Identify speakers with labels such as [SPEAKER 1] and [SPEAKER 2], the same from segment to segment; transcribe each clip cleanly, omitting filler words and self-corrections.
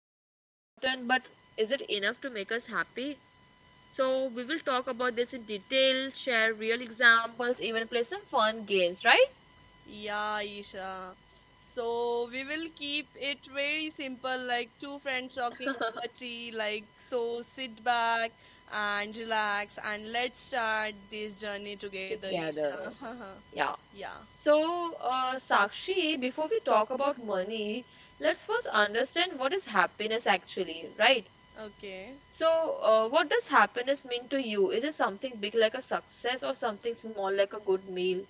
[SPEAKER 1] money is important, but is it enough to make us happy? So, we will talk about this in detail, share real examples, even play some fun games, right?
[SPEAKER 2] Yeah, Isha. So, we will keep it very simple, like two friends talking over tea. So sit back and relax, and let's start this journey together,
[SPEAKER 1] Together.
[SPEAKER 2] Isha.
[SPEAKER 1] Yeah.
[SPEAKER 2] yeah.
[SPEAKER 1] So, Sakshi, before we talk about money, let's first understand what is happiness actually, right?
[SPEAKER 2] Okay.
[SPEAKER 1] So, what does happiness mean to you? Is it something big like a success or something small like a good meal?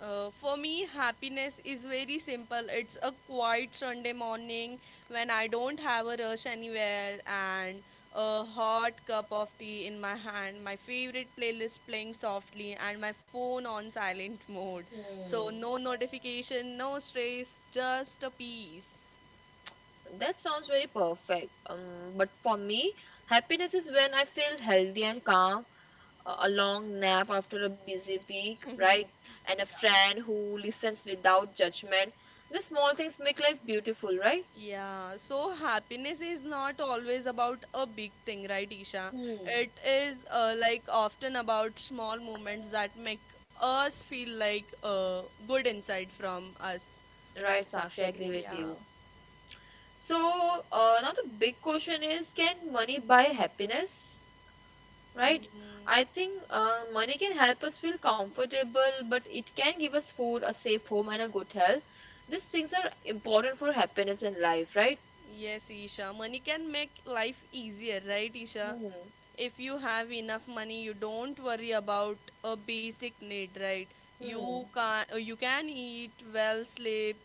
[SPEAKER 2] For me, happiness is very simple. It's a quiet Sunday morning when I don't have a rush anywhere and a hot cup of tea in my hand, my favorite playlist playing softly, and my phone on silent mode. So,
[SPEAKER 1] Hmm,
[SPEAKER 2] no notification, no stress, just a peace.
[SPEAKER 1] that sounds very perfect. But for me, happiness is when I feel healthy and calm, a long nap after a busy week, right? And a
[SPEAKER 2] Yeah.
[SPEAKER 1] friend who listens without judgment. The small things make life beautiful, right?
[SPEAKER 2] Yeah, so happiness is not always about a big thing, right, Isha?
[SPEAKER 1] Hmm,
[SPEAKER 2] It is like often about small moments that make us feel good inside from us.
[SPEAKER 1] right, Sakshi, I agree with
[SPEAKER 2] Yeah.
[SPEAKER 1] you. So, now the big question is, can money buy happiness?
[SPEAKER 2] Yes.
[SPEAKER 1] Right. I
[SPEAKER 2] Mm-hmm.
[SPEAKER 1] think money can help us feel comfortable, but it can give us food, a safe home, and a good health. These things are important for happiness in life, right?
[SPEAKER 2] Yes, Isha. Money can make life easier, right, Isha?
[SPEAKER 1] Hmm.
[SPEAKER 2] If you have enough money, you don't worry about a basic need, right?
[SPEAKER 1] Hmm.
[SPEAKER 2] You can eat well, sleep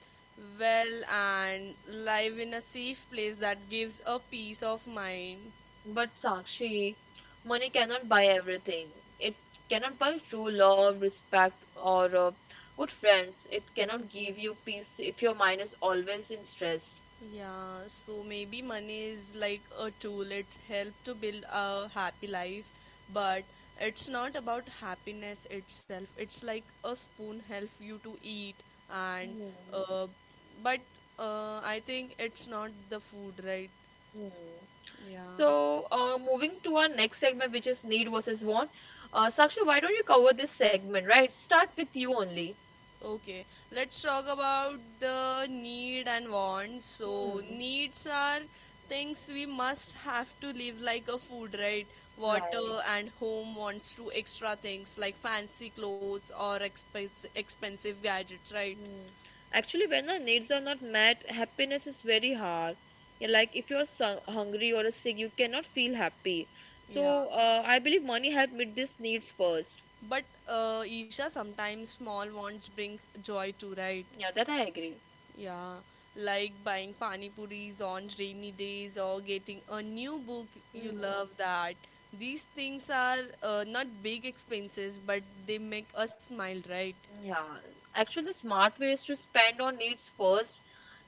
[SPEAKER 2] well, and live in a safe place that gives a peace of mind.
[SPEAKER 1] But Sakshi, money cannot buy everything. It cannot buy true love, respect, or good friends. It cannot give you peace if your mind is always in stress.
[SPEAKER 2] Yeah, so maybe money is like a tool. It helps to build a happy life, but it's not about happiness itself. It's like a spoon helps you to eat, and
[SPEAKER 1] Hmm.
[SPEAKER 2] uh, but I think it's not the food, right?
[SPEAKER 1] Hmm.
[SPEAKER 2] Yeah.
[SPEAKER 1] So, moving to our next segment, which is need versus want. Sakshi, why don't you cover this segment, right? Start with you only.
[SPEAKER 2] Okay, let's talk about the need and wants. So,
[SPEAKER 1] Hmm,
[SPEAKER 2] needs are things we must have to live like a food, right? Water
[SPEAKER 1] right.
[SPEAKER 2] and home, wants to extra things like fancy clothes or expense expensive gadgets, right?
[SPEAKER 1] Hmm. Actually, when the needs are not met, happiness is very hard. Yeah, like if you're su hungry or sick, you cannot feel happy.
[SPEAKER 2] Yeah.
[SPEAKER 1] So, I believe money help meet these needs first.
[SPEAKER 2] But Isha, sometimes small wants bring joy too, right?
[SPEAKER 1] Yeah, that I agree.
[SPEAKER 2] Yeah, like buying pani puris on rainy days or getting a new book you
[SPEAKER 1] Hmm.
[SPEAKER 2] love that. These things are not big expenses, but they make us smile, right?
[SPEAKER 1] Yeah, actually, the smart ways to spend on needs first,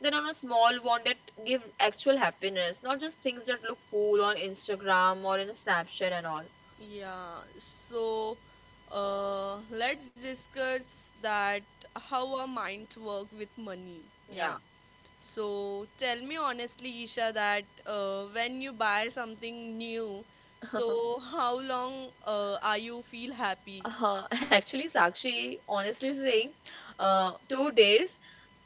[SPEAKER 1] then on a small one that give actual happiness, not just things that look cool on Instagram or in a Snapchat and all.
[SPEAKER 2] Yeah, so let's discuss that how our minds work with money.
[SPEAKER 1] Yeah.
[SPEAKER 2] Yeah. So tell me honestly, Isha, that when you buy something new, so how long are you feel happy?
[SPEAKER 1] Actually, Sakshi, honestly saying, 2 days,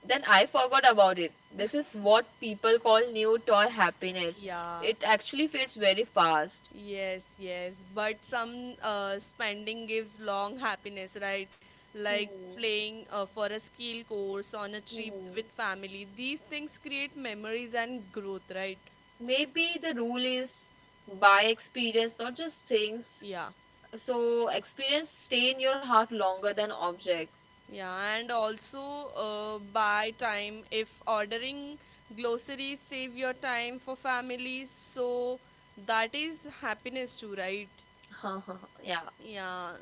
[SPEAKER 1] then I forgot about it. This is what people call new toy happiness.
[SPEAKER 2] Yeah.
[SPEAKER 1] It actually fades very fast.
[SPEAKER 2] Yes, yes, but some spending gives long happiness, right? Like
[SPEAKER 1] Hmm.
[SPEAKER 2] playing for a skill course on a trip with
[SPEAKER 1] Hmm.
[SPEAKER 2] family. These things create memories and growth, right?
[SPEAKER 1] Maybe the rule is buy experience, not just things.
[SPEAKER 2] Yeah,
[SPEAKER 1] So experience stay in your heart longer than object.
[SPEAKER 2] yeah, and also buy time. If ordering groceries save your time for family, so that is happiness too, right?
[SPEAKER 1] Yeah,
[SPEAKER 2] Yeah.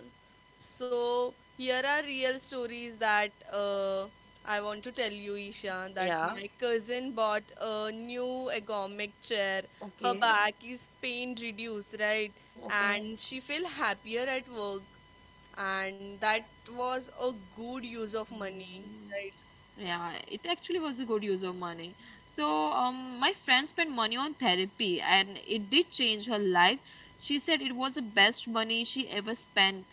[SPEAKER 2] So here are real stories that I want to tell you, Isha, that
[SPEAKER 1] yeah.
[SPEAKER 2] my cousin bought a new ergonomic chair. Her
[SPEAKER 1] Okay,
[SPEAKER 2] back is pain reduced, right?
[SPEAKER 1] okay.
[SPEAKER 2] And she feel happier at work. And that was a good use of money,
[SPEAKER 1] Mm,
[SPEAKER 2] right?
[SPEAKER 1] yeah, it actually was a good use of money. So my friend spent money on therapy, and it did change her life. She said it was the best money she ever spent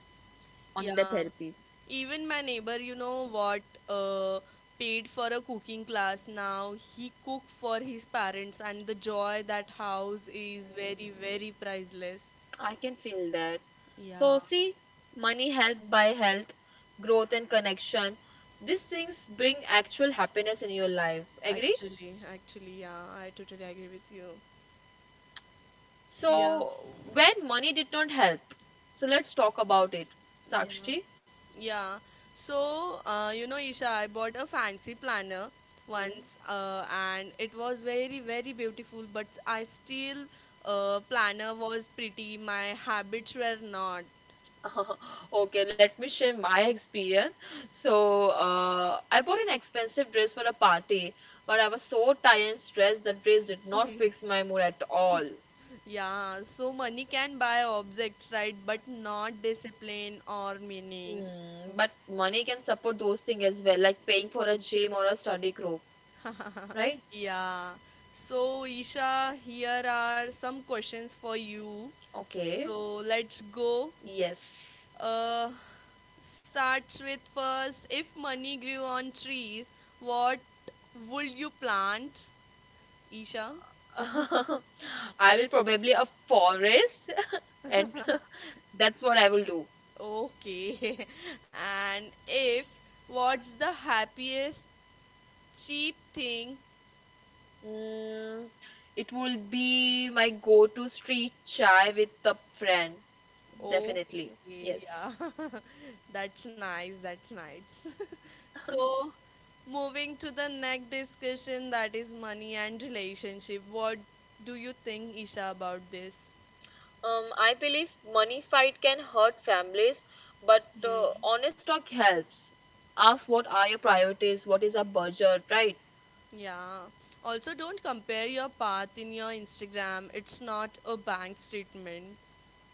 [SPEAKER 1] on the
[SPEAKER 2] Yeah.
[SPEAKER 1] therapy.
[SPEAKER 2] Even my neighbor, you know what, uh, paid for a cooking class. Now he cook for his parents, and the joy that house is very, very priceless.
[SPEAKER 1] I can feel that.
[SPEAKER 2] Yeah,
[SPEAKER 1] So see, money helped by health, growth, and connection. These things bring actual happiness in your life. Agree?
[SPEAKER 2] actually, yeah, I totally agree with you. So, yeah,
[SPEAKER 1] So, when money did not help, so let's talk about it,
[SPEAKER 2] yeah.
[SPEAKER 1] Sakshi.
[SPEAKER 2] Yeah. So, you know, Isha, I bought a fancy planner
[SPEAKER 1] Hmm.
[SPEAKER 2] once, and it was very, very beautiful. But I still, planner was pretty. My habits were not.
[SPEAKER 1] Okay, let me share my experience. So, I bought an expensive dress for a party, but I was so tired and stressed that dress did not fix my mood at all.
[SPEAKER 2] Yeah, so money can buy objects, right? But not discipline or meaning.
[SPEAKER 1] Hmm. But money can support those things as well, like paying for a gym or a study group, right?
[SPEAKER 2] Yeah. So, Isha, here are some questions for you.
[SPEAKER 1] Okay,
[SPEAKER 2] So, let's go.
[SPEAKER 1] yes.
[SPEAKER 2] Uh, starts with first, if money grew on trees, what would you plant, Isha?
[SPEAKER 1] I will probably a forest, and that's what I will do.
[SPEAKER 2] Okay. And if, what's the happiest cheap thing?
[SPEAKER 1] Mm, it will be my go-to street chai with a friend, definitely.
[SPEAKER 2] Okay,
[SPEAKER 1] Yes.
[SPEAKER 2] yeah. That's nice. That's nice. So, moving to the next discussion, that is money and relationship. What do you think, Isha, about this?
[SPEAKER 1] I believe money fight can hurt families, but
[SPEAKER 2] Hmm.
[SPEAKER 1] honest talk helps. Ask what are your priorities, what is our budget, right?
[SPEAKER 2] Yeah. Also, don't compare your path in your Instagram. It's not a bank statement.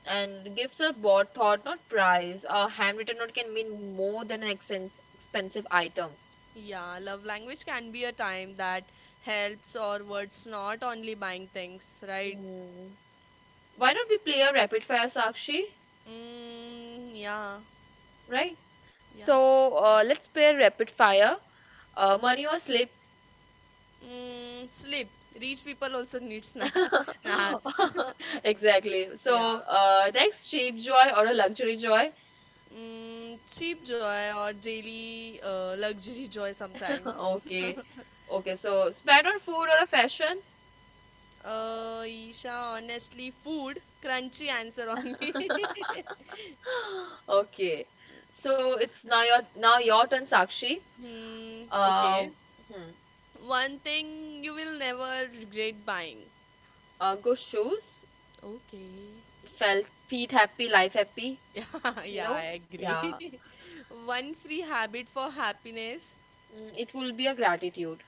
[SPEAKER 1] And gifts are bought, thought, not price. A handwritten note can mean more than an expensive item.
[SPEAKER 2] Yeah, love language can be a time that helps, or words, not only buying things, right?
[SPEAKER 1] Hmm. Why not we play a rapid fire, Sakshi?
[SPEAKER 2] Mm, yeah,
[SPEAKER 1] Right?
[SPEAKER 2] yeah.
[SPEAKER 1] So let's play a rapid fire. Money or sleep?
[SPEAKER 2] Mm, sleep. Rich people also need naps.
[SPEAKER 1] Exactly.
[SPEAKER 2] Yeah.
[SPEAKER 1] So next, cheap joy or a luxury joy?
[SPEAKER 2] Mm, cheap joy or daily luxury joy sometimes.
[SPEAKER 1] Okay. Okay. So spend on food or a fashion?
[SPEAKER 2] Isha, honestly, food. Crunchy answer only.
[SPEAKER 1] Okay. So it's now your turn, Sakshi.
[SPEAKER 2] hmm,
[SPEAKER 1] Uh,
[SPEAKER 2] okay.
[SPEAKER 1] hmm,
[SPEAKER 2] One thing you will never regret buying.
[SPEAKER 1] good shoes,
[SPEAKER 2] Okay.
[SPEAKER 1] felt feet happy, life happy.
[SPEAKER 2] Yeah,
[SPEAKER 1] You
[SPEAKER 2] yeah,
[SPEAKER 1] know?
[SPEAKER 2] I agree.
[SPEAKER 1] Yeah.
[SPEAKER 2] One free habit for happiness.
[SPEAKER 1] Mm, it will be a gratitude.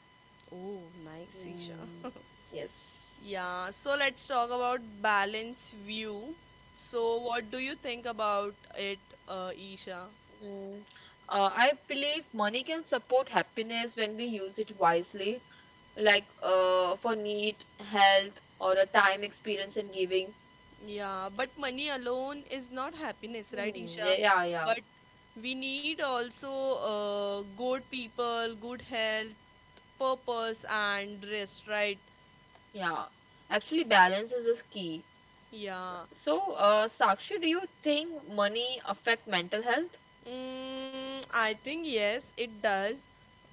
[SPEAKER 2] Oh, nice, Isha.
[SPEAKER 1] Mm, yes.
[SPEAKER 2] Yeah, so let's talk about balance view. So, what do you think about it, Isha?
[SPEAKER 1] Mm. I believe money can support happiness when we use it wisely, like for need, health, or a time experience in giving.
[SPEAKER 2] Yeah, but money alone is not happiness, right,
[SPEAKER 1] Hmm. Yeah,
[SPEAKER 2] Isha?
[SPEAKER 1] yeah, yeah.
[SPEAKER 2] But we need also good people, good health, purpose, and rest, right?
[SPEAKER 1] Yeah. Actually, balance is a key.
[SPEAKER 2] Yeah.
[SPEAKER 1] So, Sakshi, do you think money affect mental health?
[SPEAKER 2] Mm, I think yes, it does.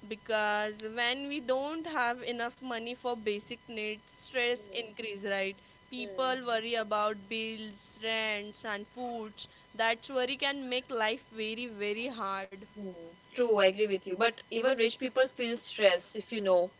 [SPEAKER 2] Because when we don't have enough money for basic needs, stress increases, right?
[SPEAKER 1] Hmm.
[SPEAKER 2] People worry about bills, rents, and foods. That worry can make life very, very hard.
[SPEAKER 1] Hmm, true, I agree with you. But even rich people feel stress, if you know.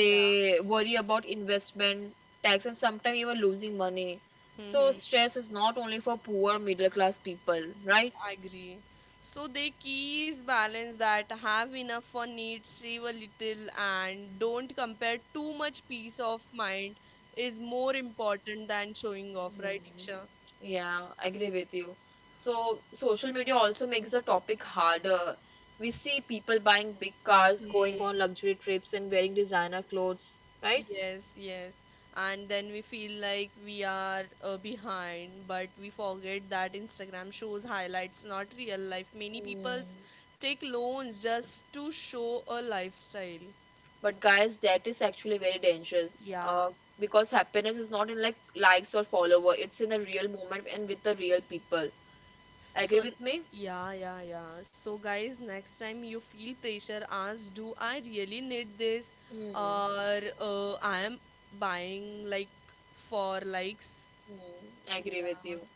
[SPEAKER 2] Yeah.
[SPEAKER 1] worry about investment, tax, and sometimes even losing money. So
[SPEAKER 2] Mm-hmm.
[SPEAKER 1] stress is not only for poor middle class people, right?
[SPEAKER 2] I agree. So the key is balance, that have enough for needs, save a little, and don't compare too much. Peace of mind is more important than showing off, right,
[SPEAKER 1] Hmm.
[SPEAKER 2] Iksha?
[SPEAKER 1] Yeah, I agree with you. So social media also makes the topic harder. We see people buying big cars, going
[SPEAKER 2] Mm,
[SPEAKER 1] on luxury trips, and wearing designer clothes, right?
[SPEAKER 2] yes, yes. And then we feel like we are behind, but we forget that Instagram shows highlights, not real life. Many people
[SPEAKER 1] Hmm.
[SPEAKER 2] take loans just to show a lifestyle.
[SPEAKER 1] But guys, that is actually very dangerous.
[SPEAKER 2] Yeah.
[SPEAKER 1] Because happiness is not in like likes or follower. It's in the real moment and with the real people. Agree
[SPEAKER 2] So,
[SPEAKER 1] with me?
[SPEAKER 2] yeah, yeah, yeah. So, guys, next time you feel pressure, ask, do I really need this?
[SPEAKER 1] Hmm.
[SPEAKER 2] Or I am buying like for likes?
[SPEAKER 1] Hmm. Agree with
[SPEAKER 2] Yeah.
[SPEAKER 1] you.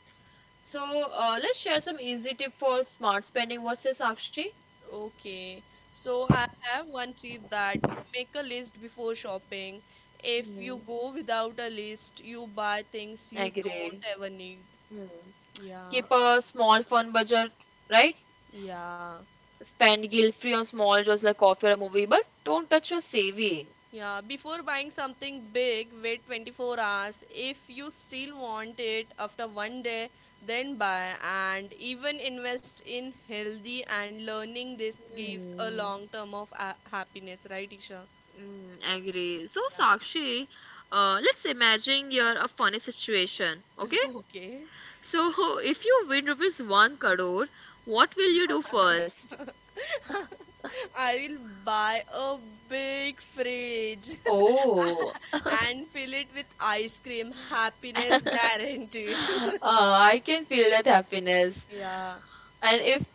[SPEAKER 1] So let's share some easy tip for smart spending. What says Sakshi?
[SPEAKER 2] Okay, so I have one tip, that make a list before shopping. If you
[SPEAKER 1] Hmm.
[SPEAKER 2] go without a list, you buy things you don't
[SPEAKER 1] Agree.
[SPEAKER 2] ever need.
[SPEAKER 1] Hmm.
[SPEAKER 2] Yeah,
[SPEAKER 1] Keep a small fun budget, right?
[SPEAKER 2] yeah,
[SPEAKER 1] Spend guilt free on small, just like coffee or a movie, but don't touch your saving.
[SPEAKER 2] yeah. Before buying something big, wait 24 hours. If you still want it after 1 day, then buy. And even invest in healthy and learning. This gives a
[SPEAKER 1] Hmm.
[SPEAKER 2] long term of a happiness, right, Isha?
[SPEAKER 1] Mm, agree. So,
[SPEAKER 2] Yeah.
[SPEAKER 1] Sakshi, let's imagine you're a funny situation, okay?
[SPEAKER 2] Okay.
[SPEAKER 1] So, if you win rupees 1 crore, what will you do first?
[SPEAKER 2] I will buy a big fridge
[SPEAKER 1] Oh,
[SPEAKER 2] and fill it with ice cream. Happiness guaranteed.
[SPEAKER 1] I can feel that happiness.
[SPEAKER 2] Yeah,
[SPEAKER 1] And if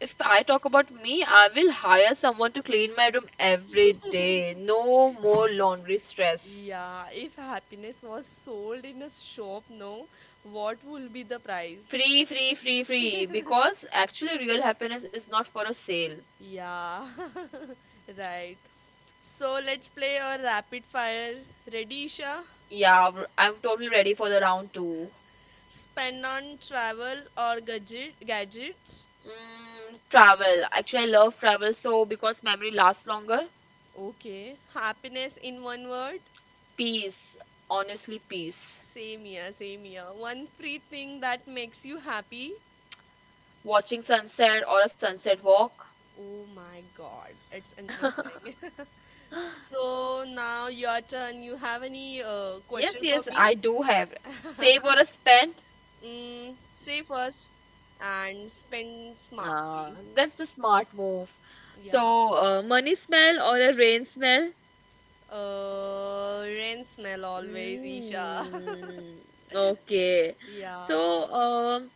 [SPEAKER 1] if I talk about me, I will hire someone to clean my room every day. No more laundry stress.
[SPEAKER 2] yeah. If happiness was sold in a shop, no, what will be the price?
[SPEAKER 1] Free, free, free, free. Because actually, real happiness is not for a sale.
[SPEAKER 2] Yeah, right. So let's play a rapid fire. Ready, Isha?
[SPEAKER 1] Yeah, I'm totally ready for the round two.
[SPEAKER 2] Spend on travel or gadgets?
[SPEAKER 1] Mm, travel. Actually, I love travel so because memory lasts longer.
[SPEAKER 2] Okay. Happiness in one word?
[SPEAKER 1] Peace, honestly, peace.
[SPEAKER 2] Same here, same here. One free thing that makes you happy.
[SPEAKER 1] Watching sunset or a sunset walk.
[SPEAKER 2] Oh my god, it's interesting. so now your turn. You have any
[SPEAKER 1] Yes,
[SPEAKER 2] question for
[SPEAKER 1] yes,
[SPEAKER 2] me?
[SPEAKER 1] I do have. Save or a spend.
[SPEAKER 2] mm, save first and spend
[SPEAKER 1] Nah,
[SPEAKER 2] smartly.
[SPEAKER 1] that's the smart move.
[SPEAKER 2] Yeah.
[SPEAKER 1] So, money smell or a rain smell.
[SPEAKER 2] Rain smell always, Isha.
[SPEAKER 1] Mm, okay.
[SPEAKER 2] yeah,
[SPEAKER 1] So,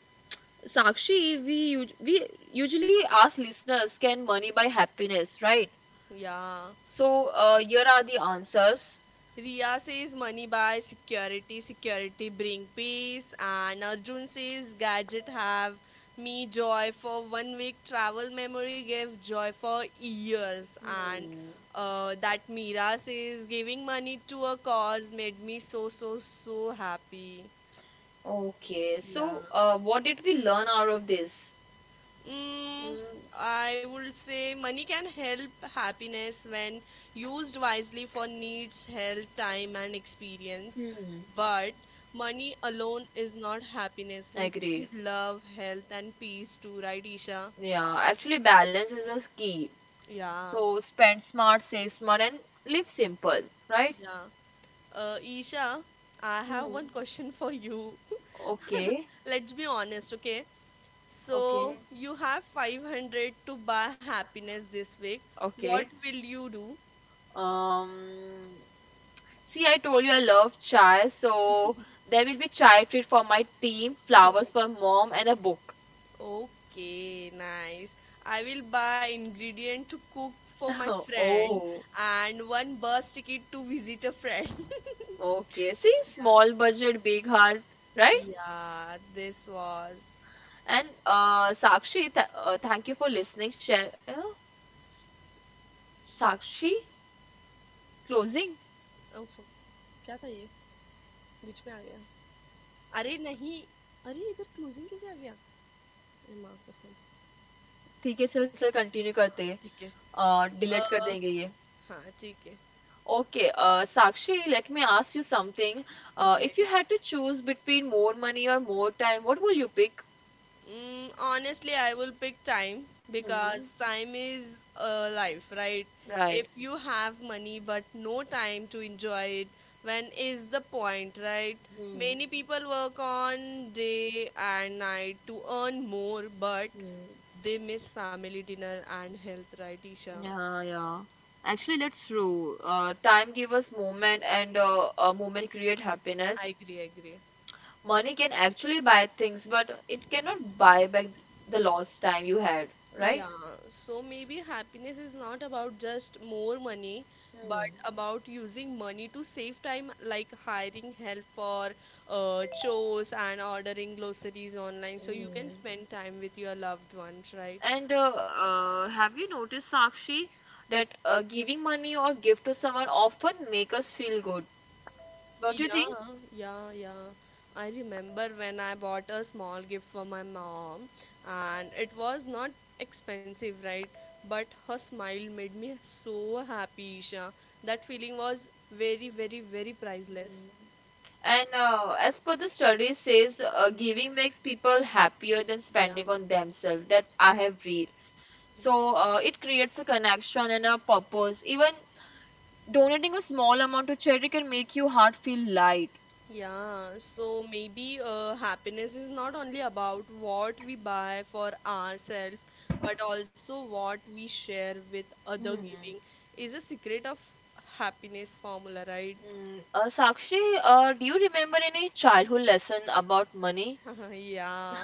[SPEAKER 1] Sakshi, we usually ask listeners, can money buy happiness, right?
[SPEAKER 2] yeah.
[SPEAKER 1] So here are the answers.
[SPEAKER 2] Riya says money buys security, security bring peace, and Arjun says gadget have me joy for 1 week. Travel memory gave joy for years, and
[SPEAKER 1] Hmm.
[SPEAKER 2] that Meera says giving money to a cause made me so so so happy.
[SPEAKER 1] Okay.
[SPEAKER 2] Yeah.
[SPEAKER 1] So what did we learn out of this?
[SPEAKER 2] Mm,
[SPEAKER 1] Mm,
[SPEAKER 2] I would say money can help happiness when used wisely for needs, health, time, and experience.
[SPEAKER 1] hmm.
[SPEAKER 2] But money alone is not happiness.
[SPEAKER 1] I
[SPEAKER 2] We
[SPEAKER 1] agree.
[SPEAKER 2] need love, health, and peace too, right, Isha?
[SPEAKER 1] Yeah. Actually, balance is a key.
[SPEAKER 2] Yeah,
[SPEAKER 1] So spend smart, save smart, and live simple. Right?
[SPEAKER 2] yeah. Isha, I have
[SPEAKER 1] Hmm.
[SPEAKER 2] one question for you.
[SPEAKER 1] Okay.
[SPEAKER 2] Let's be honest, okay? So
[SPEAKER 1] Okay.
[SPEAKER 2] you have 500 to buy happiness this week. What
[SPEAKER 1] Okay.
[SPEAKER 2] will you do?
[SPEAKER 1] Um. See, I told you I love chai, so there will be chai treat for my team, flowers for mom, and a book.
[SPEAKER 2] Okay, nice. I will buy ingredient to cook for my friend
[SPEAKER 1] Oh.
[SPEAKER 2] and one bus ticket to visit a friend.
[SPEAKER 1] Okay. See,
[SPEAKER 2] Yeah.
[SPEAKER 1] small budget, big heart, right?
[SPEAKER 2] yeah, this was.
[SPEAKER 1] And Sakshi, th thank you for listening. Share, Sakshi, closing.
[SPEAKER 2] Oh, fuck, क्या था ये? बीच में आ गया. अरे नहीं. अरे इधर closing कैसे आ गया? अरे माँ कसम.
[SPEAKER 1] ठीक है चल चल कंटिन्यू करते
[SPEAKER 2] ठीक है
[SPEAKER 1] डिलीट कर
[SPEAKER 2] अ,
[SPEAKER 1] देंगे ये
[SPEAKER 2] हाँ ठीक है.
[SPEAKER 1] Okay Sakshi let me ask you something
[SPEAKER 2] Okay.
[SPEAKER 1] If you had to choose between more money और more time what will you pick
[SPEAKER 2] Mm, honestly, I will pick time
[SPEAKER 1] hmm
[SPEAKER 2] because time is life, right?
[SPEAKER 1] Right
[SPEAKER 2] If you have money but no time to enjoy it, when is the point, right?
[SPEAKER 1] Hmm
[SPEAKER 2] Many people work on day and night to earn more, but
[SPEAKER 1] hmm
[SPEAKER 2] they miss family dinner and health, right, Isha?
[SPEAKER 1] या या actually that's true time give us moment and a moment create happiness.
[SPEAKER 2] I agree, I agree.
[SPEAKER 1] Money can actually buy things, but it cannot buy back the lost time you had, right?
[SPEAKER 2] Yeah, so maybe happiness is not about just more money, but
[SPEAKER 1] Hmm.
[SPEAKER 2] about using money to save time, like hiring help for chores and ordering groceries online, so you can
[SPEAKER 1] Mm.
[SPEAKER 2] spend time with your loved ones, right?
[SPEAKER 1] And have you noticed, Sakshi, that giving money or gift to someone often make us feel good, don't you
[SPEAKER 2] Yeah,
[SPEAKER 1] think?
[SPEAKER 2] yeah, yeah. I remember when I bought a small gift for my mom, and it was not expensive, right? But her smile made me so happy, Isha. That feeling was very, very, very priceless.
[SPEAKER 1] And as per the study says, giving makes people happier than
[SPEAKER 2] Yeah,
[SPEAKER 1] spending on themselves. That I have read. So it creates a connection and a purpose. Even donating a small amount to charity can make your heart feel light.
[SPEAKER 2] yeah. So maybe happiness is not only about what we buy for ourselves, but also what we share with other.
[SPEAKER 1] Hmm.
[SPEAKER 2] Giving is a secret of happiness formula, right?
[SPEAKER 1] Hmm. Sakshi, do you remember any childhood lesson about money?
[SPEAKER 2] yeah,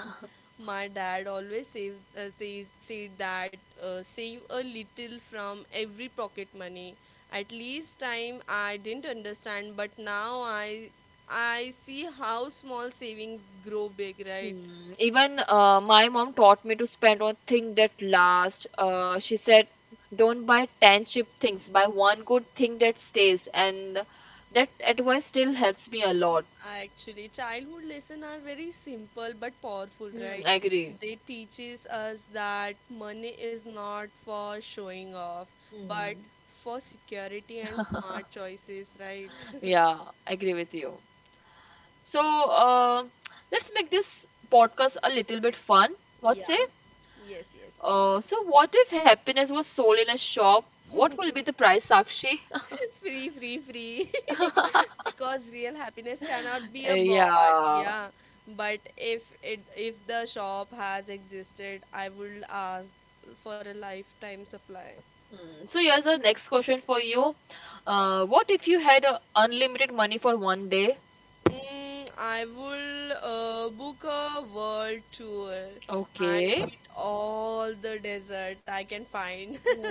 [SPEAKER 2] my dad always says says said that save a little from every pocket money. At least time I didn't understand, but now I see how small savings grow big, right?
[SPEAKER 1] Hmm. Even my mom taught me to spend on things that last. She said, "Don't buy 10 cheap things. Buy one good thing that stays." And that advice still helps me a lot.
[SPEAKER 2] Actually, childhood lessons are very simple but powerful,
[SPEAKER 1] Hmm.
[SPEAKER 2] right?
[SPEAKER 1] I agree.
[SPEAKER 2] They teaches us that money is not for showing off, but
[SPEAKER 1] Hmm.
[SPEAKER 2] for security and smart choices, right?
[SPEAKER 1] Yeah, I agree with you. So, let's make this podcast a little bit fun. What
[SPEAKER 2] Yeah.
[SPEAKER 1] say?
[SPEAKER 2] Yes,
[SPEAKER 1] So what if happiness was sold in a shop? What will be the
[SPEAKER 2] yes.
[SPEAKER 1] price, Sakshi?
[SPEAKER 2] Free, free, free. Because real happiness cannot be a bought.
[SPEAKER 1] Yeah.
[SPEAKER 2] Yeah. But if the shop has existed, I would ask for a lifetime supply.
[SPEAKER 1] Mm, so here's the next question for you. What if you had unlimited money for one day?
[SPEAKER 2] Mm, I will book a world tour and
[SPEAKER 1] Okay.
[SPEAKER 2] eat all the desert I can find.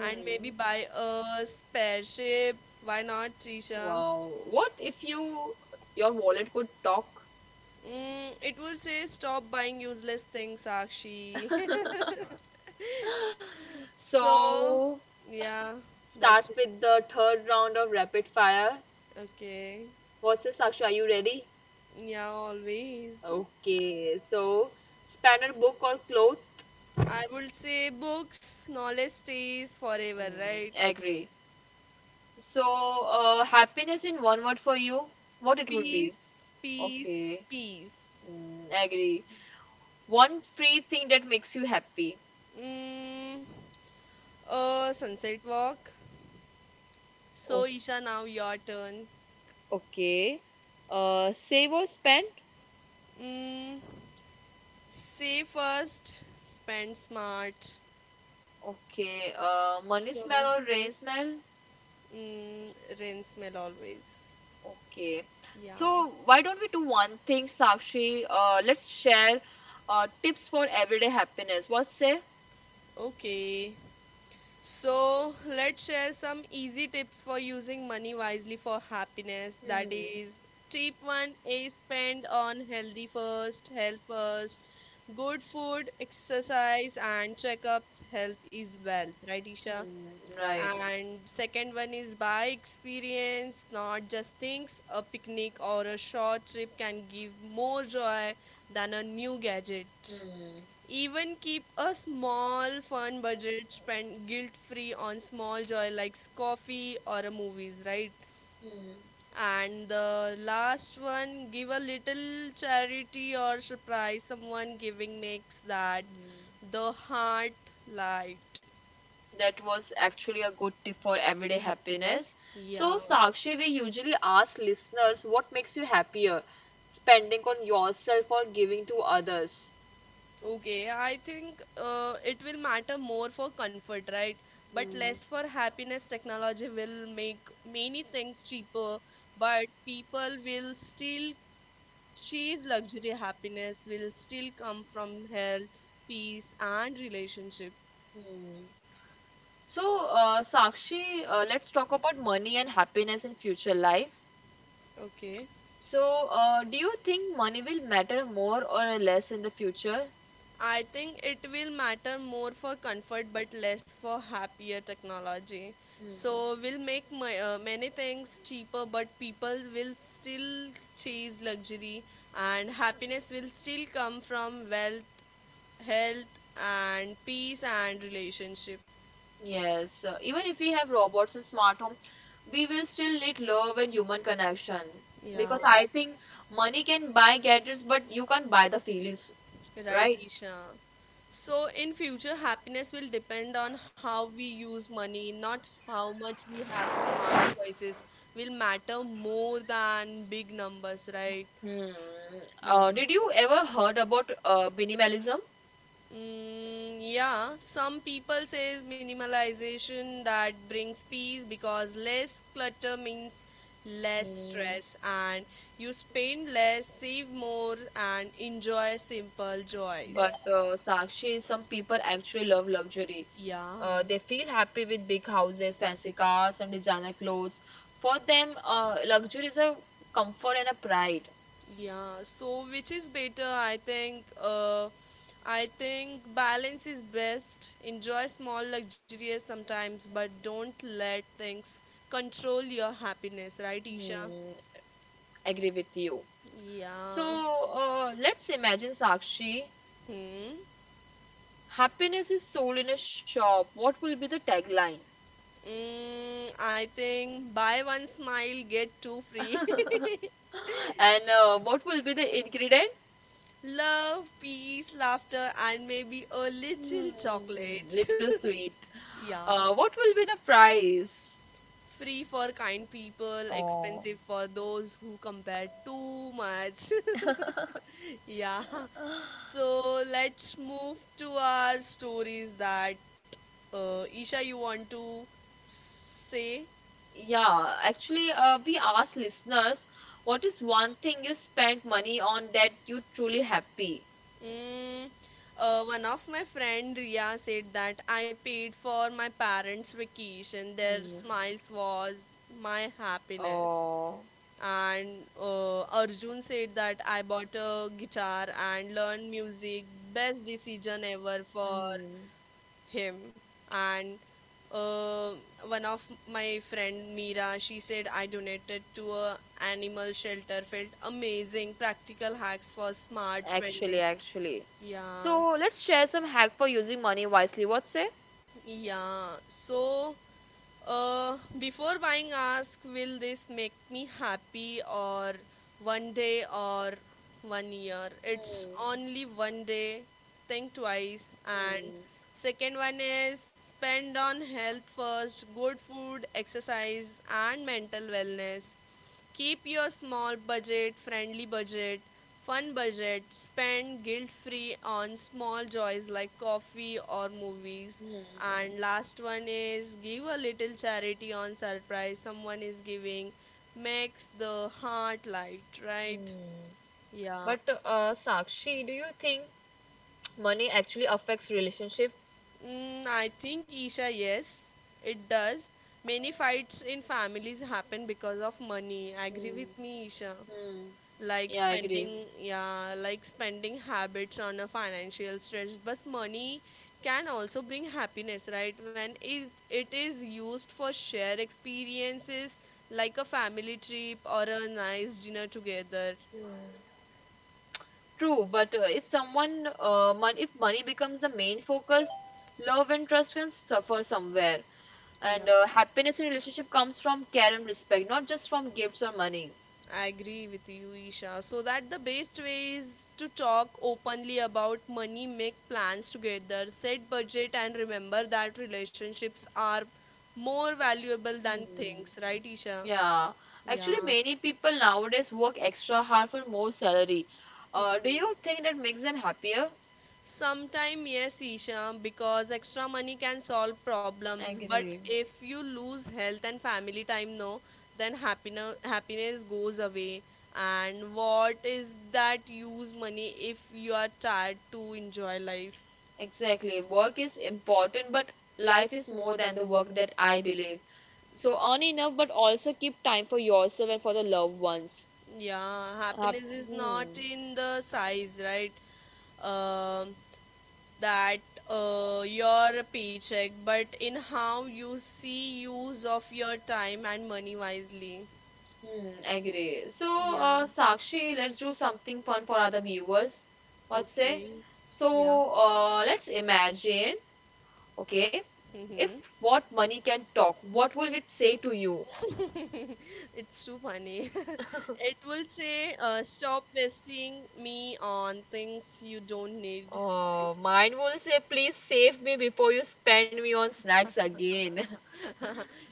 [SPEAKER 2] And maybe buy a spaceship. Why not, Trisha?
[SPEAKER 1] wow. What if your wallet could talk?
[SPEAKER 2] Mm, it will say stop buying useless things, Sakshi. so,
[SPEAKER 1] So
[SPEAKER 2] yeah,
[SPEAKER 1] start
[SPEAKER 2] that's it.
[SPEAKER 1] with the third round of rapid fire.
[SPEAKER 2] Okay.
[SPEAKER 1] What's this, Sakshi? Are you ready?
[SPEAKER 2] Yeah, always.
[SPEAKER 1] Okay. So spanner book or cloth?
[SPEAKER 2] I would say books, knowledge stays forever,
[SPEAKER 1] Mm,
[SPEAKER 2] right?
[SPEAKER 1] agree. So, happiness in one word for you, what it would be?
[SPEAKER 2] Peace, peace,
[SPEAKER 1] Okay,
[SPEAKER 2] peace.
[SPEAKER 1] mm, agree. One free thing that makes you happy.
[SPEAKER 2] Mm, a sunset walk. So,
[SPEAKER 1] Oh,
[SPEAKER 2] Isha, now your turn.
[SPEAKER 1] okay. Save or spend?
[SPEAKER 2] Mm, save first, spend smart.
[SPEAKER 1] Okay. Money
[SPEAKER 2] So,
[SPEAKER 1] smell or rain smell?
[SPEAKER 2] mm, rinse smell always.
[SPEAKER 1] Okay.
[SPEAKER 2] Yeah.
[SPEAKER 1] So, why don't we do one thing, Sakshi? Let's share tips for everyday happiness. What say?
[SPEAKER 2] Okay. So let's share some easy tips for using money wisely for happiness. That
[SPEAKER 1] Hmm.
[SPEAKER 2] is, tip one is spend on healthy first, health first, good food, exercise, and checkups. Health is wealth, right, Isha?
[SPEAKER 1] Hmm. Right.
[SPEAKER 2] And second one is buy experience, not just things. A picnic or a short trip can give more joy than a new gadget.
[SPEAKER 1] Hmm.
[SPEAKER 2] Even keep a small fun budget spent guilt free on small joy like coffee or a movies, right?
[SPEAKER 1] Hmm.
[SPEAKER 2] And the last one, give a little charity or surprise someone giving makes that
[SPEAKER 1] Hmm.
[SPEAKER 2] the heart light.
[SPEAKER 1] That was actually a good tip for everyday happiness. So,
[SPEAKER 2] Yeah.
[SPEAKER 1] Sakshi, we usually ask listeners what makes you happier, spending on yourself or giving to others.
[SPEAKER 2] Okay, I think it will matter more for comfort, right? But
[SPEAKER 1] Hmm.
[SPEAKER 2] less for happiness. Technology will make many things cheaper, but people will still She's luxury happiness will still come from health, peace, and relationship.
[SPEAKER 1] Hmm. So, Sakshi, let's talk about money and happiness in future life.
[SPEAKER 2] Okay.
[SPEAKER 1] So, do you think money will matter more or less in the future?
[SPEAKER 2] I think it will matter more for comfort but less for happier technology.
[SPEAKER 1] Hmm.
[SPEAKER 2] So we'll make my, many things cheaper but people will still chase luxury and happiness will still come from wealth, health and peace and relationship.
[SPEAKER 1] Yes, even if we have robots and smart home, we will still need love and human connection
[SPEAKER 2] Yeah.
[SPEAKER 1] because I think money can buy gadgets, but you can't buy the feelings,
[SPEAKER 2] Right,
[SPEAKER 1] right?
[SPEAKER 2] Isha. So, in future, happiness will depend on how we use money, not how much we have. Smart choices will matter more than big numbers, right?
[SPEAKER 1] Hmm.
[SPEAKER 2] Yeah.
[SPEAKER 1] Did you ever heard about minimalism?
[SPEAKER 2] Yeah. Some people says minimalization that brings peace because less clutter means less
[SPEAKER 1] Mm,
[SPEAKER 2] stress and you spend less, save more, and enjoy simple joys.
[SPEAKER 1] but Sakshi, some people actually love luxury.
[SPEAKER 2] Yeah.
[SPEAKER 1] They feel happy with big houses, fancy cars, and designer clothes. For them, luxury is a comfort and a pride.
[SPEAKER 2] Yeah, so which is better? I think balance is best. Enjoy small luxuries sometimes, but don't let things control your happiness, right, Isha?
[SPEAKER 1] Hmm, agree with you. So
[SPEAKER 2] Yeah.
[SPEAKER 1] let's imagine, Sakshi,
[SPEAKER 2] Hmm.
[SPEAKER 1] happiness is sold in a shop. What will be the tagline?
[SPEAKER 2] Mm, I think buy one smile, get two free.
[SPEAKER 1] And what will be the ingredient?
[SPEAKER 2] Love, peace, laughter, and maybe a little
[SPEAKER 1] Hmm,
[SPEAKER 2] chocolate.
[SPEAKER 1] little sweet.
[SPEAKER 2] yeah.
[SPEAKER 1] What will be the price?
[SPEAKER 2] Free for kind people,
[SPEAKER 1] Oh,
[SPEAKER 2] expensive for those who compare too much. yeah. So let's move to our stories that Isha, you want to say?
[SPEAKER 1] yeah. Actually, we asked listeners, what is one thing you spent money on that you truly happy?
[SPEAKER 2] Mm, one of my friend Ria said that I paid for my parents' vacation. Their
[SPEAKER 1] Hmm.
[SPEAKER 2] smiles was my happiness.
[SPEAKER 1] Oh,
[SPEAKER 2] And Arjun said that I bought a guitar and learned music, best decision ever for
[SPEAKER 1] hmm.
[SPEAKER 2] him. And uh, one of my friend Mira, she said I donated to a animal shelter, felt amazing. Practical hacks for smart
[SPEAKER 1] Actually,
[SPEAKER 2] spending.
[SPEAKER 1] actually.
[SPEAKER 2] Yeah,
[SPEAKER 1] So let's share some hack for using money wisely. What say?
[SPEAKER 2] yeah, so uh, before buying, ask will this make me happy or one day or one year? It's only one day, think twice. And
[SPEAKER 1] Hmm,
[SPEAKER 2] second one is spend on health first, good food, exercise, and mental wellness. Keep your small budget, friendly budget, fun budget, spend guilt free on small joys like coffee or movies.
[SPEAKER 1] hmm,
[SPEAKER 2] And last one is give a little charity on surprise someone, is giving makes the heart light, right?
[SPEAKER 1] hmm.
[SPEAKER 2] Yeah.
[SPEAKER 1] But Sakshi, do you think money actually affects relationship?
[SPEAKER 2] Mm, I think Isha, yes, it does. Many fights in families happen because of money. Agree
[SPEAKER 1] Hmm,
[SPEAKER 2] with me, Isha.
[SPEAKER 1] hmm.
[SPEAKER 2] Like
[SPEAKER 1] Yeah, I agree.
[SPEAKER 2] spending, yeah, like spending habits on a financial stress. But money can also bring happiness, right? When it is used for shared experiences, like a family trip or a nice dinner together.
[SPEAKER 1] Hmm. True, but if money becomes the main focus, love and trust can suffer somewhere.
[SPEAKER 2] Yeah.
[SPEAKER 1] And happiness in relationship comes from care and respect, not just from gifts or money.
[SPEAKER 2] I agree with you, Isha. So that the best way is to talk openly about money, make plans together, set budget, and remember that relationships are more valuable than
[SPEAKER 1] Hmm.
[SPEAKER 2] things, right, Isha?
[SPEAKER 1] Yeah, actually,
[SPEAKER 2] Yeah.
[SPEAKER 1] many people nowadays work extra hard for more salary. Do you think that makes them happier?
[SPEAKER 2] Sometime yes, Isha, because extra money can solve problems, but
[SPEAKER 1] Agree.
[SPEAKER 2] if you lose health and family time, no, then happiness goes away. And what is that use money if you are tired to enjoy life?
[SPEAKER 1] Exactly. Work is important, but life is more than the work that I believe. So earn enough, but also keep time for yourself and for the loved ones.
[SPEAKER 2] Yeah, happiness is not
[SPEAKER 1] Hmm.
[SPEAKER 2] in the size, right? Um that your paycheck, but in how you see use of your time and money wisely.
[SPEAKER 1] Hmm. Agree. So,
[SPEAKER 2] Yeah,
[SPEAKER 1] Sakshi, let's do something fun for other viewers. What say?
[SPEAKER 2] okay.
[SPEAKER 1] So,
[SPEAKER 2] Yeah.
[SPEAKER 1] let's imagine. Okay,
[SPEAKER 2] Mm-hmm.
[SPEAKER 1] if what money can talk, what will it say to you?
[SPEAKER 2] It's too funny. It will say, stop wasting me on things you don't need.
[SPEAKER 1] Mine will say, please save me before you spend me on snacks again.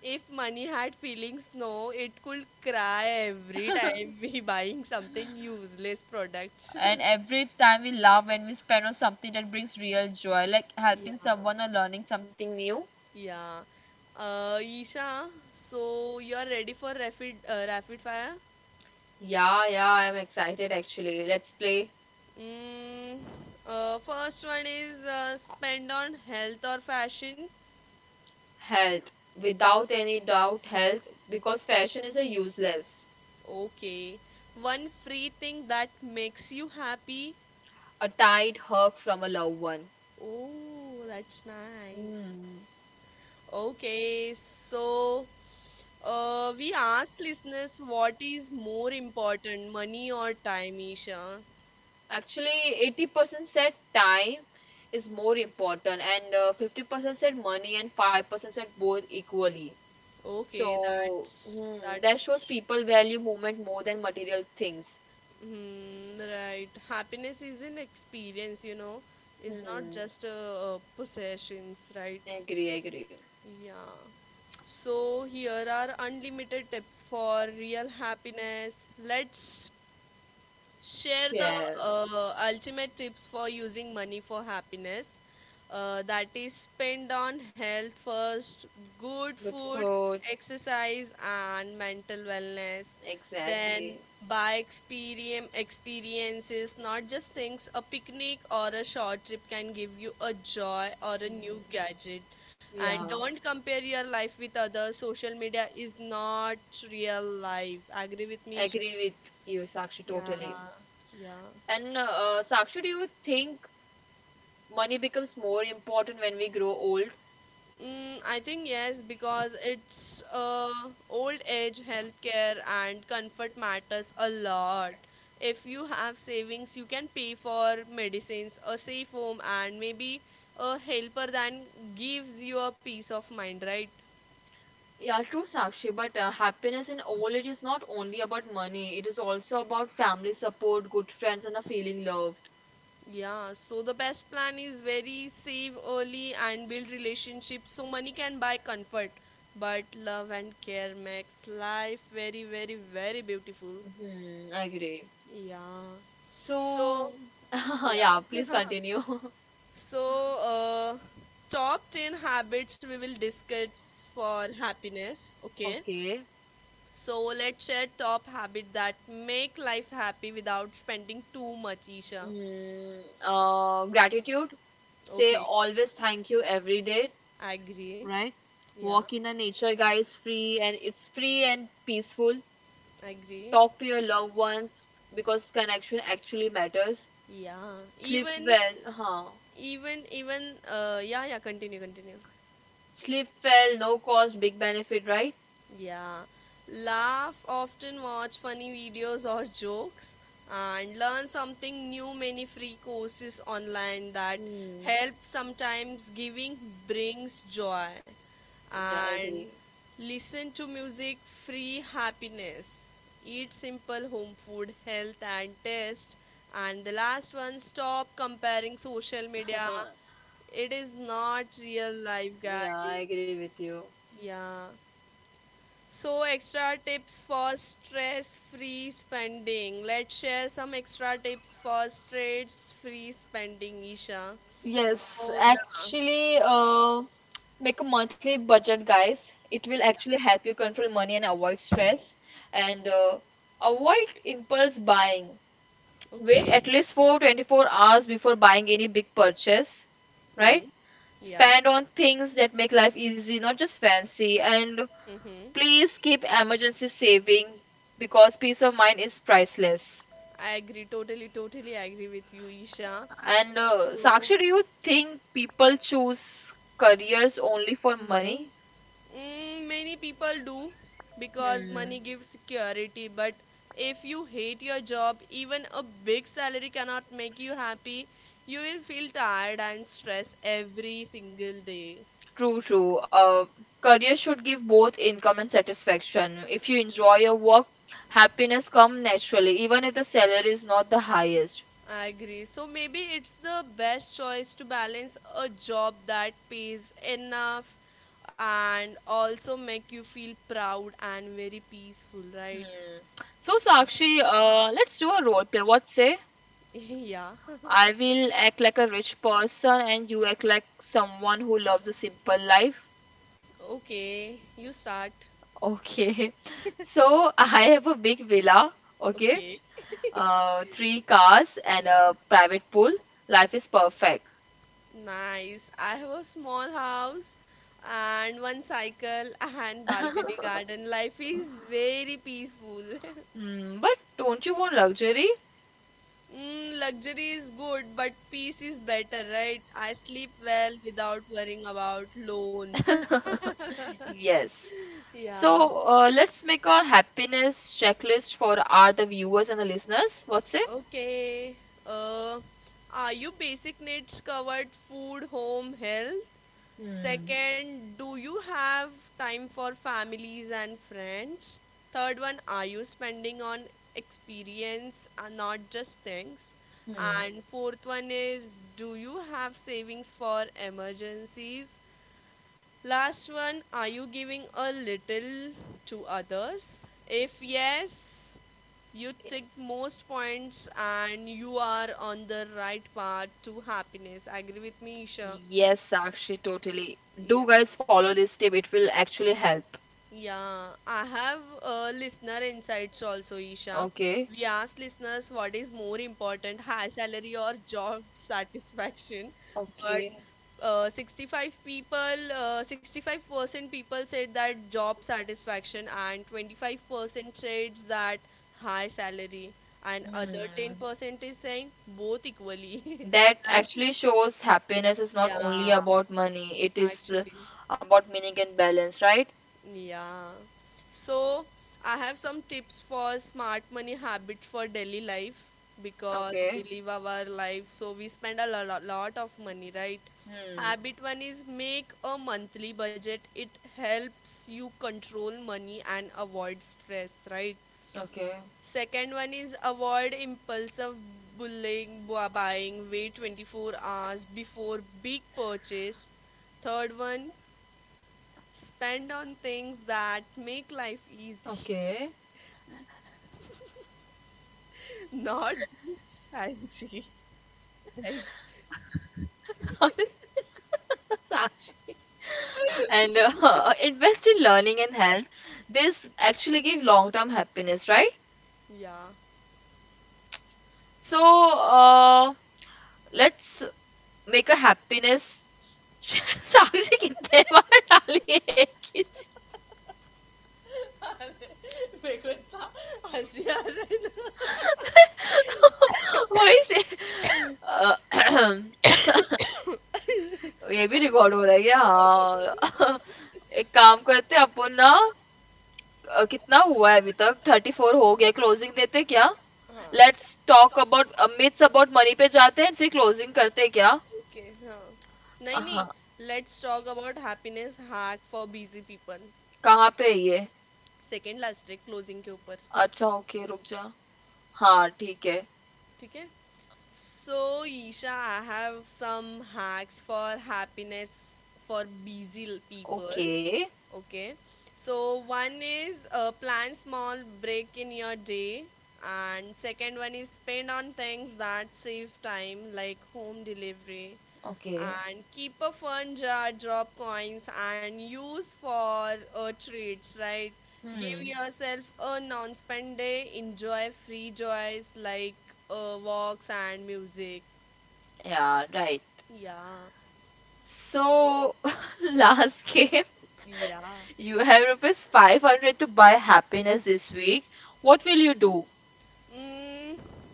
[SPEAKER 2] If money had feelings, no, it could cry every time we buying something useless products.
[SPEAKER 1] And every time we laugh when we spend on something that brings real joy like
[SPEAKER 2] Yeah,
[SPEAKER 1] helping someone or learning something new.
[SPEAKER 2] yeah. Isha, so you are ready for rapid fire?
[SPEAKER 1] Yeah, I'm excited, actually. Let's play.
[SPEAKER 2] Mm, first one is spend on health or fashion.
[SPEAKER 1] Health, without any doubt, health, because fashion is a useless.
[SPEAKER 2] Okay. One free thing that makes you happy.
[SPEAKER 1] A tight hug from a loved one.
[SPEAKER 2] Oh, that's nice.
[SPEAKER 1] Hmm.
[SPEAKER 2] Okay, so we asked listeners what is more important, money or time, Isha.
[SPEAKER 1] Actually, 80% said time is more important, and 50% said money, and 5% said both equally.
[SPEAKER 2] Okay,
[SPEAKER 1] So,
[SPEAKER 2] that's
[SPEAKER 1] hmm, that
[SPEAKER 2] that's
[SPEAKER 1] shows people value moment more than material things.
[SPEAKER 2] hmm, right. Happiness is an experience, you know. It's not
[SPEAKER 1] Hmm.
[SPEAKER 2] just a, possessions, right?
[SPEAKER 1] Agree, agree.
[SPEAKER 2] Yeah. So here are unlimited tips for real happiness. Let's share the
[SPEAKER 1] Yeah.
[SPEAKER 2] ultimate tips for using money for happiness, that is spend on health first, good
[SPEAKER 1] Good
[SPEAKER 2] food,
[SPEAKER 1] food.
[SPEAKER 2] exercise and mental wellness. Then
[SPEAKER 1] Exactly.
[SPEAKER 2] buy experiences not just things, a picnic or a short trip can give you a joy or a new
[SPEAKER 1] Hmm.
[SPEAKER 2] gadget. And
[SPEAKER 1] Yeah.
[SPEAKER 2] don't compare your life with others, social media is not real life, agree with me Ish-.
[SPEAKER 1] Agree with you, Sakshi,
[SPEAKER 2] Yeah,
[SPEAKER 1] totally.
[SPEAKER 2] yeah.
[SPEAKER 1] And Sakshi, do you think money becomes more important when we grow old?
[SPEAKER 2] Mm, I think yes, because it's old age, healthcare, and comfort matters a lot. If you have savings, you can pay for medicines, a safe home, and maybe a helper that gives you a peace of mind, right?
[SPEAKER 1] Yeah, true, Sakshi. But happiness in old age is not only about money. It is also about family support, good friends, and a feeling loved.
[SPEAKER 2] Yeah, so the best plan is very save early and build relationships. So money can buy comfort, but love and care makes life very, very, very beautiful.
[SPEAKER 1] Hmm. I agree.
[SPEAKER 2] Yeah. So
[SPEAKER 1] So, yeah. Please
[SPEAKER 2] yeah.
[SPEAKER 1] continue.
[SPEAKER 2] So, uh, top 10 habits we will discuss for happiness. Okay.
[SPEAKER 1] Okay.
[SPEAKER 2] So, let's share top habit that make life happy without spending too much, Isha.
[SPEAKER 1] Mm, gratitude, say
[SPEAKER 2] Okay.
[SPEAKER 1] always thank you every day.
[SPEAKER 2] Agree.
[SPEAKER 1] Right.
[SPEAKER 2] Yeah.
[SPEAKER 1] Walk in the nature, guys. Free, and it's free and peaceful.
[SPEAKER 2] Agree.
[SPEAKER 1] Talk to your loved ones, because connection actually matters.
[SPEAKER 2] Yeah.
[SPEAKER 1] Sleep
[SPEAKER 2] Even,
[SPEAKER 1] well, huh.
[SPEAKER 2] yeah, yeah, continue, continue.
[SPEAKER 1] Sleep well, no cost, big benefit, right.
[SPEAKER 2] Yeah. Laugh, often watch funny videos or jokes, and learn something new. Many free courses online that
[SPEAKER 1] Hmm.
[SPEAKER 2] help, sometimes giving brings joy.
[SPEAKER 1] Yeah, I
[SPEAKER 2] And
[SPEAKER 1] agree.
[SPEAKER 2] listen to music, free happiness. Eat simple home food, health and taste. And the last one, stop comparing social media. It is not real life,
[SPEAKER 1] Yeah, I
[SPEAKER 2] guys.
[SPEAKER 1] agree with you.
[SPEAKER 2] Yeah. So, extra tips for stress free spending. Let's share some extra tips for stress free spending, Isha.
[SPEAKER 1] Yes,
[SPEAKER 2] So, yeah,
[SPEAKER 1] actually, make a monthly budget, guys. It will actually help you control money and avoid stress. And avoid impulse buying. Wait
[SPEAKER 2] okay.
[SPEAKER 1] at least for 24 hours before buying any big purchase, right?
[SPEAKER 2] Hmm. Yeah.
[SPEAKER 1] Spend on things that make life easy, not just fancy. And
[SPEAKER 2] Mm-hmm.
[SPEAKER 1] please keep emergency saving, because peace of mind is priceless.
[SPEAKER 2] I agree. Totally agree with you, Isha.
[SPEAKER 1] And
[SPEAKER 2] So,
[SPEAKER 1] Sakshi, do you think people choose careers only for money?
[SPEAKER 2] mm, many people do because money
[SPEAKER 1] Hmm.
[SPEAKER 2] gives security, but if you hate your job, even a big salary cannot make you happy. You will feel tired and stressed every single day.
[SPEAKER 1] True, true. Career should give both income and satisfaction. If you enjoy your work, happiness comes naturally, even if the salary is not the highest.
[SPEAKER 2] I agree. So maybe it's the best choice to balance a job that pays enough and also make you feel proud and very peaceful, right?
[SPEAKER 1] Hmm. So, Sakshi, let's do a role play. What say?
[SPEAKER 2] yeah.
[SPEAKER 1] I will act like a rich person and you act like someone who loves a simple life.
[SPEAKER 2] Okay, you start.
[SPEAKER 1] Okay. So, I have a big villa, okay?
[SPEAKER 2] Okay.
[SPEAKER 1] Three cars and
[SPEAKER 2] Yeah.
[SPEAKER 1] a private pool. Life is perfect.
[SPEAKER 2] Nice. I have a small house and one cycle and balcony garden. Life is very peaceful.
[SPEAKER 1] Mm, but don't you want luxury?
[SPEAKER 2] Mm, luxury is good, but peace is better, right? I sleep well without worrying about loans.
[SPEAKER 1] Yes.
[SPEAKER 2] Yeah.
[SPEAKER 1] So let's make a happiness checklist for our the viewers and the listeners. What's it?
[SPEAKER 2] Okay. Uh, are your basic needs covered? Food, home, health.
[SPEAKER 1] Hmm.
[SPEAKER 2] Second, do you have time for families and friends? Third one, are you spending on experience and not just things?
[SPEAKER 1] Hmm.
[SPEAKER 2] And fourth one is, do you have savings for emergencies? Last one, are you giving a little to others? If yes, you ticked most points and you are on the right path to happiness. Agree with me, Isha?
[SPEAKER 1] Yes, Sakshi, totally. Do
[SPEAKER 2] Yeah.
[SPEAKER 1] guys follow this tip? It will actually help.
[SPEAKER 2] Yeah. I have listener insights also, Isha.
[SPEAKER 1] Okay.
[SPEAKER 2] We asked listeners what is more important, high salary or job satisfaction.
[SPEAKER 1] Okay.
[SPEAKER 2] 65% people said that job satisfaction and 25% said that high salary and other
[SPEAKER 1] Hmm.
[SPEAKER 2] 10% is saying both equally.
[SPEAKER 1] That
[SPEAKER 2] That
[SPEAKER 1] actually shows happiness is not only
[SPEAKER 2] yeah,
[SPEAKER 1] about money. It is
[SPEAKER 2] actually
[SPEAKER 1] about meaning and balance, right?
[SPEAKER 2] yeah. So I have some tips for smart money habit for daily life, because we
[SPEAKER 1] Okay.
[SPEAKER 2] live our life so we spend a lot, lot of money, right?
[SPEAKER 1] Hmm.
[SPEAKER 2] Habit one is make a monthly budget. It helps you control money and avoid stress, right?
[SPEAKER 1] Okay.
[SPEAKER 2] Second one is avoid impulsive buying. Wait 24 hours before big purchase. Third one, spend on things that make life easy,
[SPEAKER 1] Okay.
[SPEAKER 2] not just fancy. Like,
[SPEAKER 1] Sakshi. And invest in learning and health. This actually give long term happiness, right?
[SPEAKER 2] yeah.
[SPEAKER 1] So let's make a happiness. साक्षी कितने बार डाली है खींच.
[SPEAKER 2] Huh? Okay. Huh.
[SPEAKER 1] वही से अ, ये भी record हो रहा है क्या? हाँ. एक काम करते अपन ना, कितना हुआ है अभी तक? थर्टी फोर हो गया. क्लोजिंग देते क्या? Let's talk about myths about money पे जाते हैं फिर क्लोजिंग करते क्या?
[SPEAKER 2] No, no.
[SPEAKER 1] हाँ.
[SPEAKER 2] Let's talk about happiness hack for busy people.
[SPEAKER 1] कहाँ पे है ये?
[SPEAKER 2] Second last trick, closing ke upper.
[SPEAKER 1] अच्छा, ओके, रुक जा। हाँ, ठीक है।
[SPEAKER 2] ठीक है. So, Isha, I have some hacks for happiness for busy l-
[SPEAKER 1] okay,
[SPEAKER 2] peoples. Okay. So, one is plan small break in your day, and second one is spend on things that save time, like home delivery,
[SPEAKER 1] okay.
[SPEAKER 2] and keep a fun jar, drop coins, and use for treats, right? Give
[SPEAKER 1] hmm,
[SPEAKER 2] yourself a non spend day, enjoy free joys like walks and music.
[SPEAKER 1] Yeah, right.
[SPEAKER 2] Yeah,
[SPEAKER 1] So last game,
[SPEAKER 2] yeah.
[SPEAKER 1] you have rupees 500 to buy happiness this week. What will you do?
[SPEAKER 2] Mm,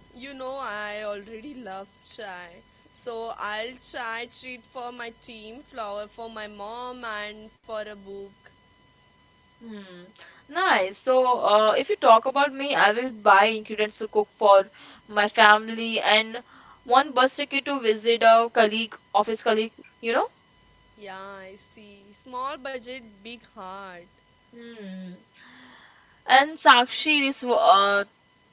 [SPEAKER 2] you know, I already love chai. So I'll chai treat for my team, flower for my mom, and for a book.
[SPEAKER 1] Hmm, nice. So, if you talk about me, I will buy ingredients to cook for my family and one bus ticket to visit a colleague, office colleague, you know?
[SPEAKER 2] Yeah, I see. Small budget, big heart.
[SPEAKER 1] Hmm. And Sakshi,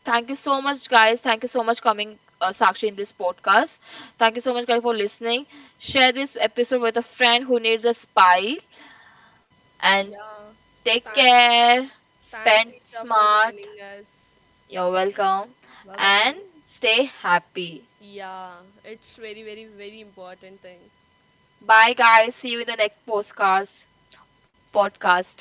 [SPEAKER 1] thank you so much, guys. Thank you so much coming, Sakshi, in this podcast. Thank you so much, guys, for listening. Share this episode with a friend who needs a spy. And
[SPEAKER 2] Yeah.
[SPEAKER 1] take
[SPEAKER 2] Thank.
[SPEAKER 1] care.
[SPEAKER 2] Thanks,
[SPEAKER 1] Spend
[SPEAKER 2] Isha, for joining
[SPEAKER 1] smart.
[SPEAKER 2] us.
[SPEAKER 1] You're welcome.
[SPEAKER 2] Bye bye.
[SPEAKER 1] And stay happy.
[SPEAKER 2] Yeah, it's very, very, very important thing.
[SPEAKER 1] Bye, guys. See you in the next postcards podcast.